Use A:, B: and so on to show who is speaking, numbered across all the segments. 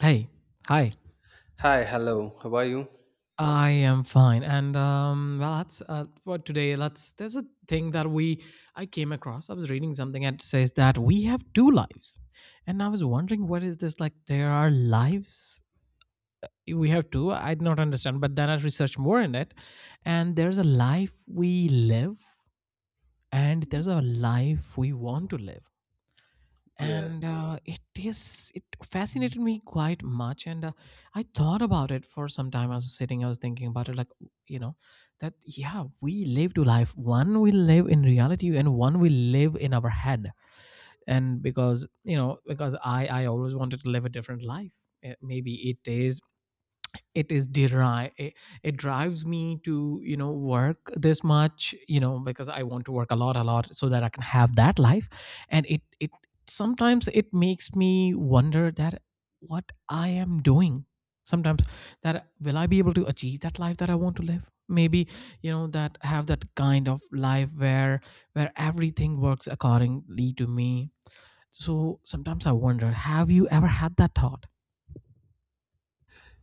A: Hey, hi.
B: Hi, hello. How are you?
A: I am fine, and well, that's for today. Let's. There's a thing that we I came across. I was reading something and it says that we have two lives, and I was wondering what is this like? There are lives. We have two. I did not understand, but then I researched more in it, and there's a life we live, and there's a life we want to live.
B: Yes.
A: And it fascinated me quite much and I thought about it for some time. I was sitting, I was thinking about it, like, you know that, yeah, we live two life, one we live in reality and one we live in our head. And because, you know, because I always wanted to live a different life. Maybe it is, it is derived it, it drives me to, work this much, you know, because I want to work a lot so that I can have that life. And it sometimes it makes me wonder that what I am doing sometimes, that will I be able to achieve that life that I want to live? Maybe, you know, that have that kind of life where everything works accordingly to me. So sometimes I wonder, have you ever had that thought?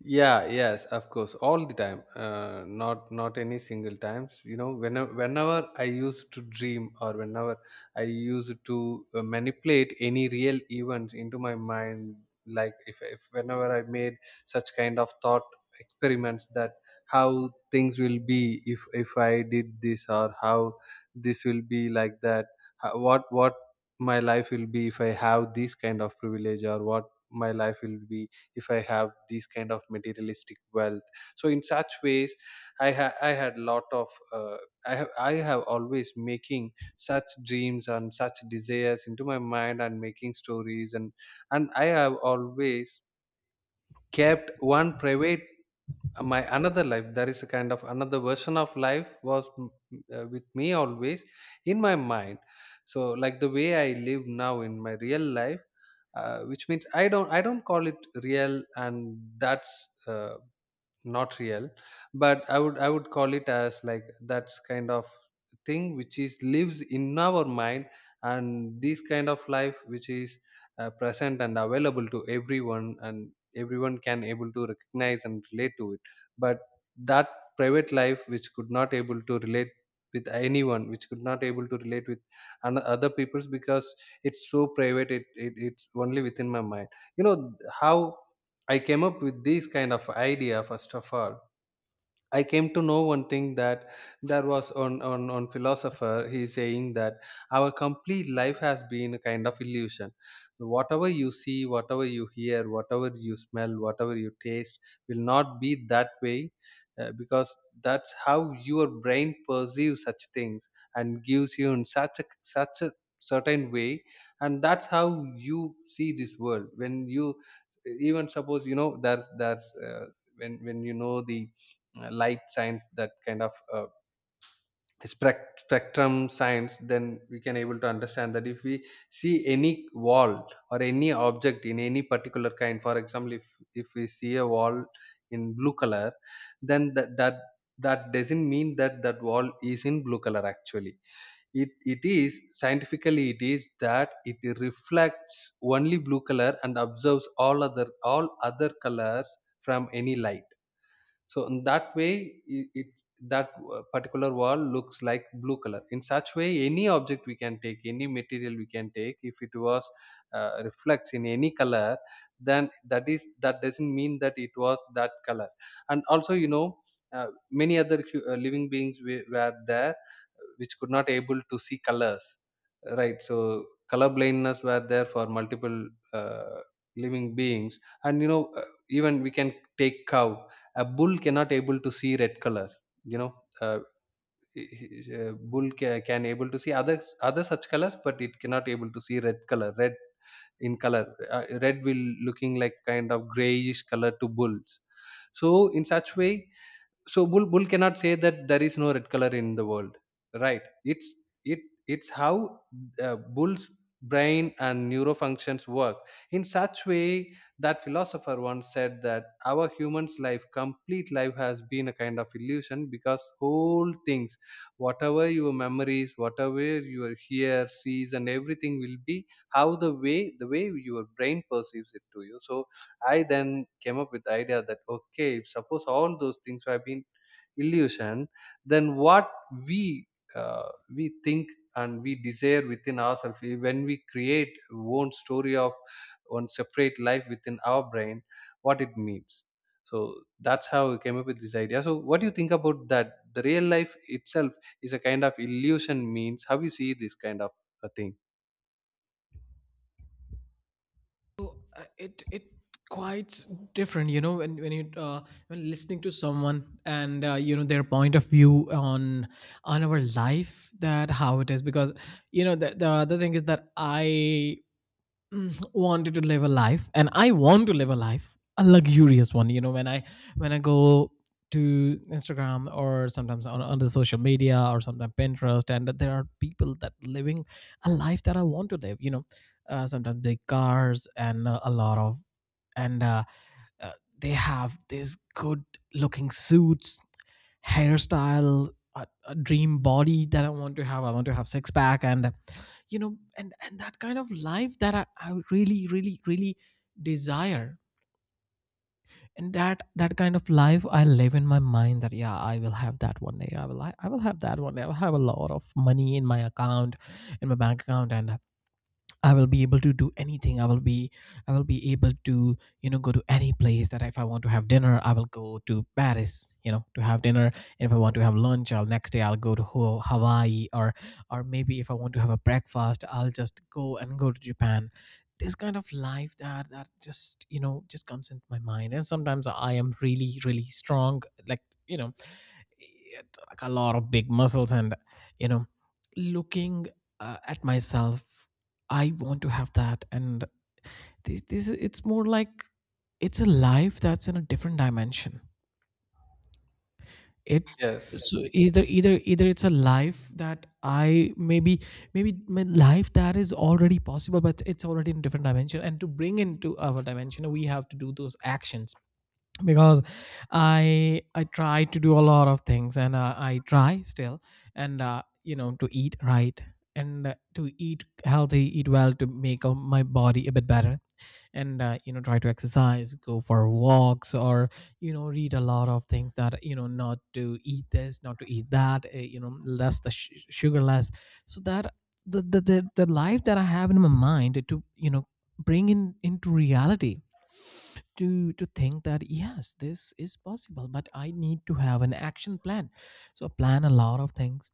B: Yeah, yes, of course, all the time. Not any single times, whenever I used to dream, or whenever I used to manipulate any real events into my mind. Like, if whenever I made such kind of thought experiments, that how things will be if I did this, or how this will be like that, how, what my life will be if I have this kind of privilege, or what my life will be if I have these kind of materialistic wealth. So in such ways, I had lot of uh, I have always making such dreams and such desires into my mind, and making stories, and I have always kept one private, my another life. There is a kind of another version of life was with me always in my mind. So like the way I live now in my real life, which means I don't call it real, and that's uh, not real. But I would call it as like that's kind of thing which is lives in our mind. And this kind of life, which is present and available to everyone, and everyone can able to recognize and relate to it. But that private life which could not able to relate with anyone, which could not able to relate with other people's, because it's so private. It's only within my mind. You know how I came up with this kind of idea? First of all, I came to know one thing, that there was on philosopher he is saying that our complete life has been a kind of illusion. Whatever you see, whatever you hear, whatever you smell, whatever you taste will not be that way, because that's how your brain perceives such things, and gives you in such a certain way. And that's how you see this world. When you even suppose, there's when you know the light science, that kind of spectrum science, then we can able to understand that if we see any wall or any object in any particular kind. For example, if we see a wall in blue color, then that doesn't mean that that wall is in blue color. Actually, it is scientifically. It is that it reflects only blue color and observes all other colors from any light. So in that way, it that particular wall looks like blue color. In such way, any object we can take, any material we can take, if it was reflects in any color, then that is, that doesn't mean that it was that color. And also, many other living beings were there which could not able to see colors, right? So color blindness were there for multiple uh, living beings, and, even we can take cow. A bull cannot able to see red color. you know uh, Bull can able to see other such colors, but it cannot able to see red color, red in color. Red will looking like kind of grayish color to bulls. So in such way, so bull cannot say that there is no red color in the world, right? It's, it it's how bull's brain and neurofunctions work in such way. That philosopher once said that our human's life, complete life, has been a kind of illusion, because whole things, whatever your memories, whatever your hear sees and everything, will be how the way your brain perceives it to you. So I then came up with the idea that, okay, suppose all those things have been illusion, than what we, uh, we think and we desire within ourselves. When we create one story of one separate life within our brain, what it means. So that's how we came up with this idea. So what do you think about that the real life itself is a kind of illusion? Means, how you see this kind of a thing?
A: So, it it quite different, you know, when you when listening to someone and, you know, their point of view on our life, that how it is. Because, you know, the other thing is that I, wanted to live a life, and I want to live a life, a luxurious one. You know, when I when I go to Instagram or sometimes on the social media or sometimes Pinterest, and that there are people that living a life that I want to live, you know. Sometimes big cars and a lot of and uh, they have these good looking suits, hairstyle, a dream body that I want to have. I want to have six pack, and, you know, and that kind of life that I really, really, really desire. And that kind of life I live in my mind, that yeah, I will have that one day. I will have that one day. I will have a lot of money in my account, in my bank account, and I will be able to do anything. I will be able to, you know, go to any place. That if I want to have dinner, I will go to Paris, you know, to have dinner, and if I want to have lunch, I'll next day I'll go to Hawaii, or maybe if I want to have a breakfast, I'll just go to Japan. This kind of life that that just, you know, just comes into my mind. And sometimes I am really really strong, like, you know, like a lot of big muscles and, you know, looking, at myself, I want to have that. And this it's more like it's a life that's in a different dimension. It
B: Yes.
A: so either either it's a life that I, maybe, maybe my life that is already possible, but it's already in a different dimension, and to bring into our dimension, we have to do those actions. Because I try to do a lot of things, and, I try still, and, you know, to eat right, and, to eat healthy, eat well, to make, my body a bit better, and, you know, try to exercise, go for walks, or, you know, read a lot of things, that, you know, not to eat this, not to eat that, you know, less the sugar, less, so that the the life that I have in my mind to, you know, bring in into reality. To think that yes, this is possible, but I need to have an action plan. So plan a lot of things,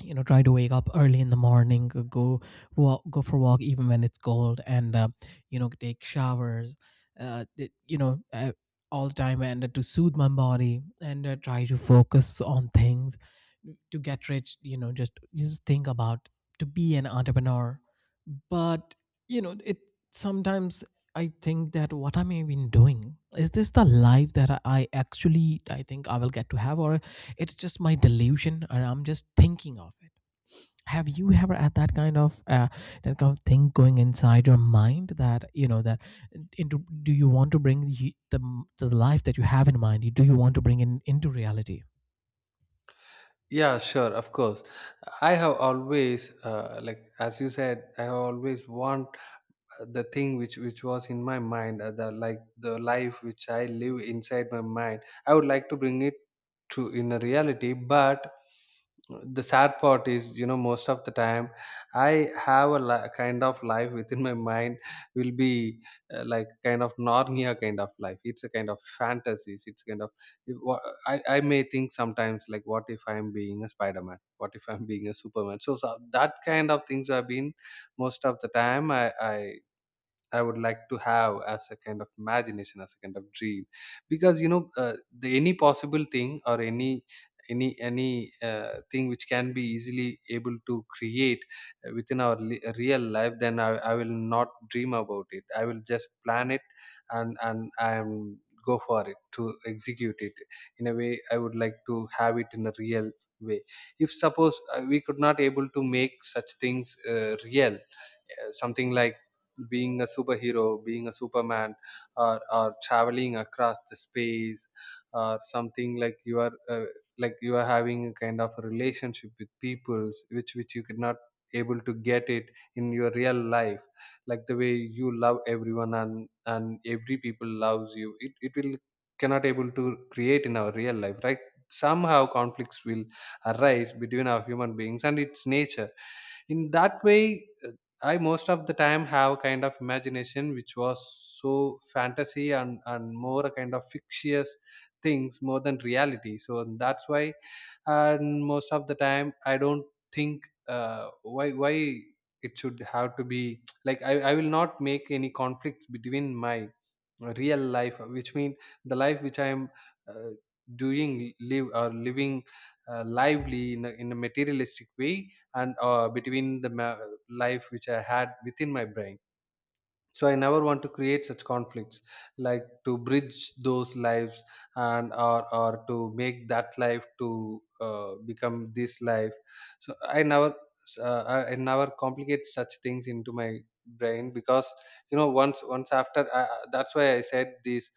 A: you know, try to wake up early in the morning, go walk, go for a walk, even when it's cold, and, you know, take showers, uh, th- you know uh, all the time, and, to soothe my body, and, try to focus on things, to get rich, you know, just think about to be an entrepreneur. But, you know, it sometimes I think that what am I even doing? Is this the life that I actually, I think I will get to have, or it's just my delusion, or I'm just thinking of it. Have you ever had that kind of thing going inside your mind, that you know that into, do you want to bring the life that you have in mind? Do you want to bring in into reality?
B: Yeah, sure, of course. I have always, like as you said, I have always want the thing which was in my mind. The, like, the life which I live inside my mind, I would like to bring it to in a reality. But the sad part is, most of the time I have a kind of life within my mind will be like kind of narnia kind of life, it's a kind of fantasies. It's kind of, if I may think sometimes, like what if I'm being a Spider-Man, what if I'm being a Superman. So that kind of things have been most of the time. I would like to have as a kind of imagination, as a kind of dream. Because the any possible thing, or any thing which can be easily able to create within our real life, then I will not dream about it. I will just plan it, and I am go for it to execute it in a way I would like to have it, in a real way. If suppose we could not able to make such things real, something like being a superhero, being a Superman, or, traveling across the space, or something like you are having a kind of a relationship with peoples which you could not able to get it in your real life, like the way you love everyone, and every people loves you, it will cannot able to create in our real life, right? Somehow conflicts will arise between our human beings and its nature. In that way, uh, I most of the time have kind of imagination which was so fantasy, and more a kind of fictitious things more than reality. So that's why, and most of the time I don't think why it should have to be like. I will not make any conflicts between my real life, which means the life which I am uh, doing live or living lively, in a materialistic way, and between the life which I had within my brain. So I never want to create such conflicts, like to bridge those lives, and, or to make that life to become this life. So I never complicate such things into my brain. Because, once, that's why I said this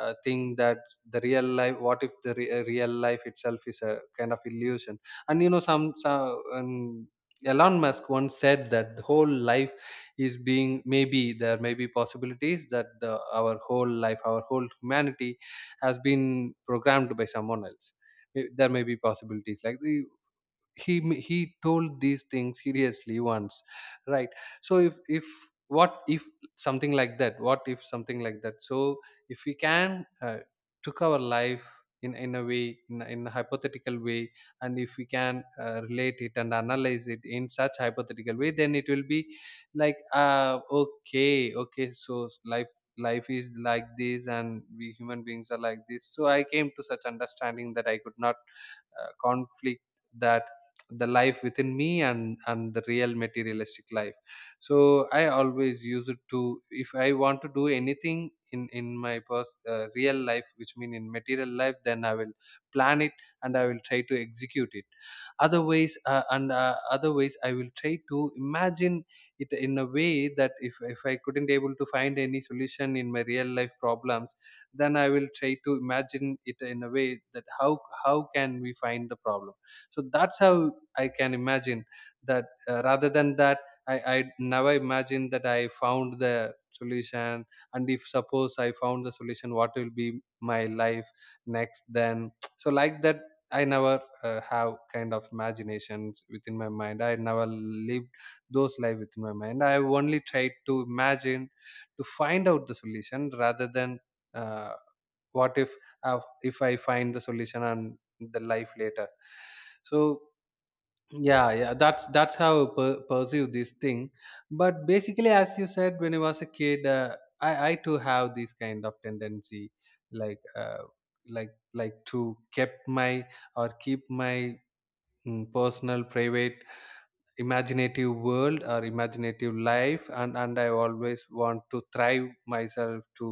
B: thing, that the real life, what if the real life itself is a kind of illusion. And, some Elon Musk once said that the whole life is being, maybe there may be possibilities that our whole humanity has been programmed by someone else. There may be possibilities like he told these things seriously once, right? So if what if something like that, so if we can took our life in a way, in a hypothetical way. And if we can relate it and analyze it in such hypothetical way, then it will be like, okay, okay, so life is like this, and we human beings are like this. So I came to such understanding that I could not conflict that, the life within me, and the real materialistic life. So I always use it to, if I want to do anything in my real life, which mean in material life, then I will plan it, and I will try to execute it. Otherwise, I will try to imagine it in a way that if I couldn't able to find any solution in my real life problems, then I will try to imagine it in a way that how can we find the problem. So that's how I can imagine that, rather than that I never imagine that I found the solution, and if suppose I found the solution, what will be my life next then. So like that I never have kind of imaginations within my mind. I never lived those life within my mind. I only tried to imagine to find out the solution, rather than uh, what if, if I find the solution and the life later. So yeah, yeah, that's how I perceive this thing. But basically, as you said, when I was a kid, I too have this kind of tendency, like, like to kept my, or keep my personal private imaginative world, or imaginative life. And I always want to thrive myself to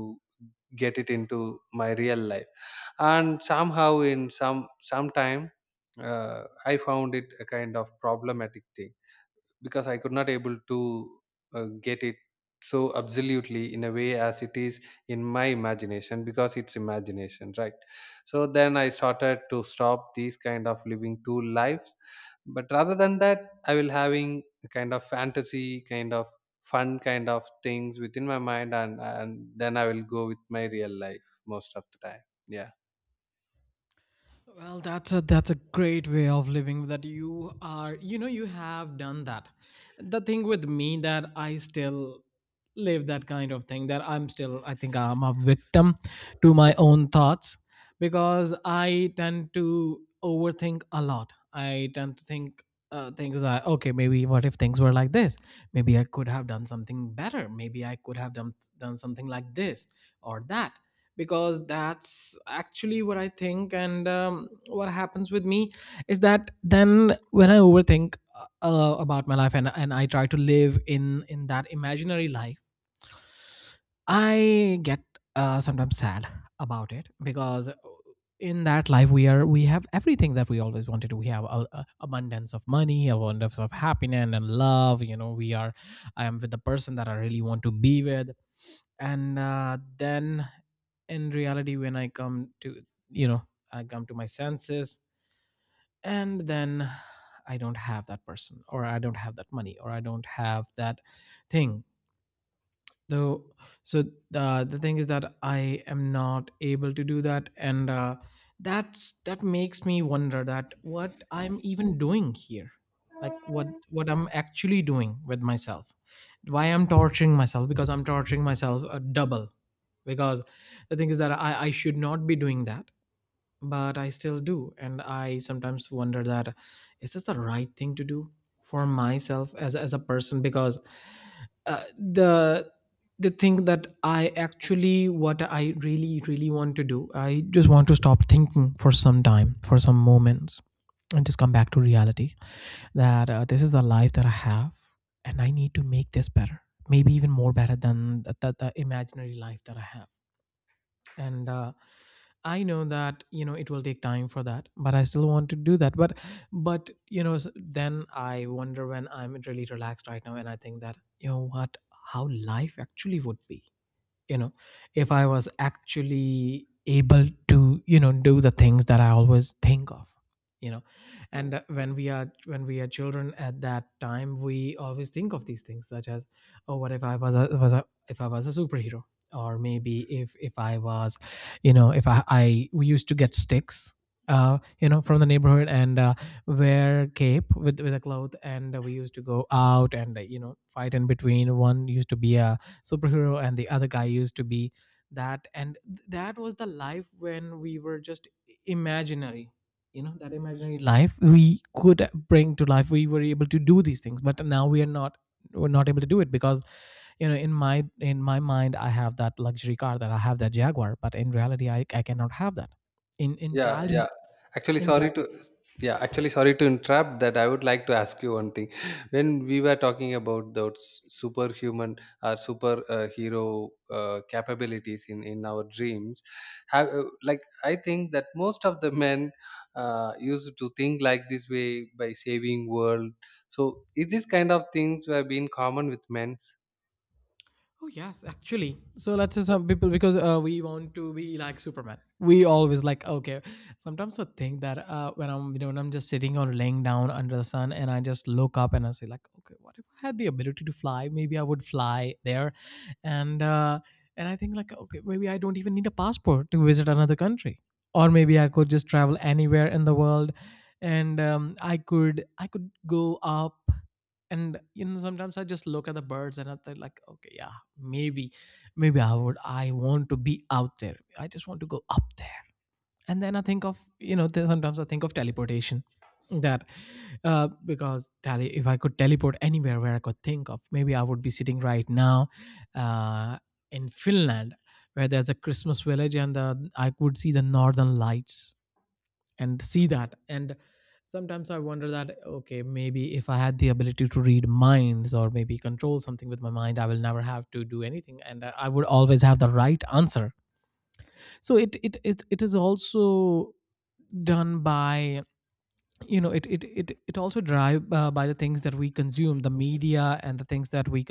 B: get it into my real life. And somehow, in some sometime I found it a kind of problematic thing, because I could not able to get it so absolutely in a way as it is in my imagination, because it's imagination, right? So then I started to stop these kind of living two lives, but rather than that I will having a kind of fantasy kind of fun kind of things within my mind, and then I will go with my real life most of the time, yeah.
A: Well, that's a great way of living, that you are, you know, you have done that. The thing with me that I still live that kind of thing, that I'm still I think I'm a victim to my own thoughts, because I tend to overthink a lot. I tend to think, things that okay, maybe what if things were like this, maybe I could have done something better, maybe I could have done something like this or that. Because that's actually what I think. And what happens with me is that then when I overthink, about my life, and I try to live in that imaginary life, I get, sometimes sad about it, because in that life we are we have everything that we always wanted. To. We have a abundance of money, abundance of happiness and love. You know, we are I am with the person that I really want to be with. And then in reality, when I come to, you know, I come to my senses, and then I don't have that person, or I don't have that money, or I don't have that thing. Though, so, the thing is that I am not able to do that, and, that makes me wonder that what I'm even doing here, like what I'm actually doing with myself, why I'm torturing myself, because I'm torturing myself a double. Because the thing is that I should not be doing that, but I still do. And I sometimes wonder that, is this the right thing to do for myself as a person? Because, uh, the the thing that I actually, what I really really want to do, I just want to stop thinking for some time, for some moments, and just come back to reality, that, this is the life that I have, and I need to make this better, maybe even more better than the imaginary life that I have. And, I know that, you know, it will take time for that, but I still want to do that. But, you know, then I wonder, when I'm really relaxed right now, and I think that, you know what, how life actually would be, you know, if I was actually able to, you know, do the things that I always think of, you know. And, when we are children, at that time we always think of these things such as, oh, what if I was a, if I was a superhero, or maybe if I was, you know, if I we used to get sticks, you know, from the neighborhood, and, wear cape with a cloth, and, we used to go out, and, you know, fight in between, one used to be a superhero and the other guy used to be that. And that was the life when we were just imaginary, you know, that imaginary life we could bring to life, we were able to do these things, but now we are not, we're not able to do it, because, you know, in my mind I have that luxury car, that I have that Jaguar, but in reality I cannot have that in
B: Yeah, yeah.
A: childhood
B: Actually,
A: in.
B: sorry to yeah, actually sorry to interrupt that I would like to ask you one thing. When we were talking about those superhuman, or super hero capabilities, in our dreams, have like I think that most of the men used to think like this way, by saving world. So is this kind of things have been common with men?
A: Oh yes, actually. So let's say some people, because, we want to be like Superman. We always like, okay. Sometimes I think that, when I'm, you know, when I'm just sitting or laying down under the sun, and I just look up and I say like, okay, what if I had the ability to fly? Maybe I would fly there, and, and I think like, okay, maybe I don't even need a passport to visit another country, or maybe I could just travel anywhere in the world, and, I could go up. And, you know, sometimes I just look at the birds and I think like, okay, yeah, maybe, maybe I would, I want to be out there, I just want to go up there. And then I think of, you know, sometimes I think of teleportation, that, if I could teleport anywhere where I could think of, maybe I would be sitting right now, uh, in Finland, where there's a Christmas village, and, I could see the Northern Lights and see that. And sometimes I wonder that, okay, maybe if I had the ability to read minds, or maybe control something with my mind, I will never have to do anything, and I would always have the right answer. So it is also done by, you know, it also drive, by the things that we consume, the media and the things that we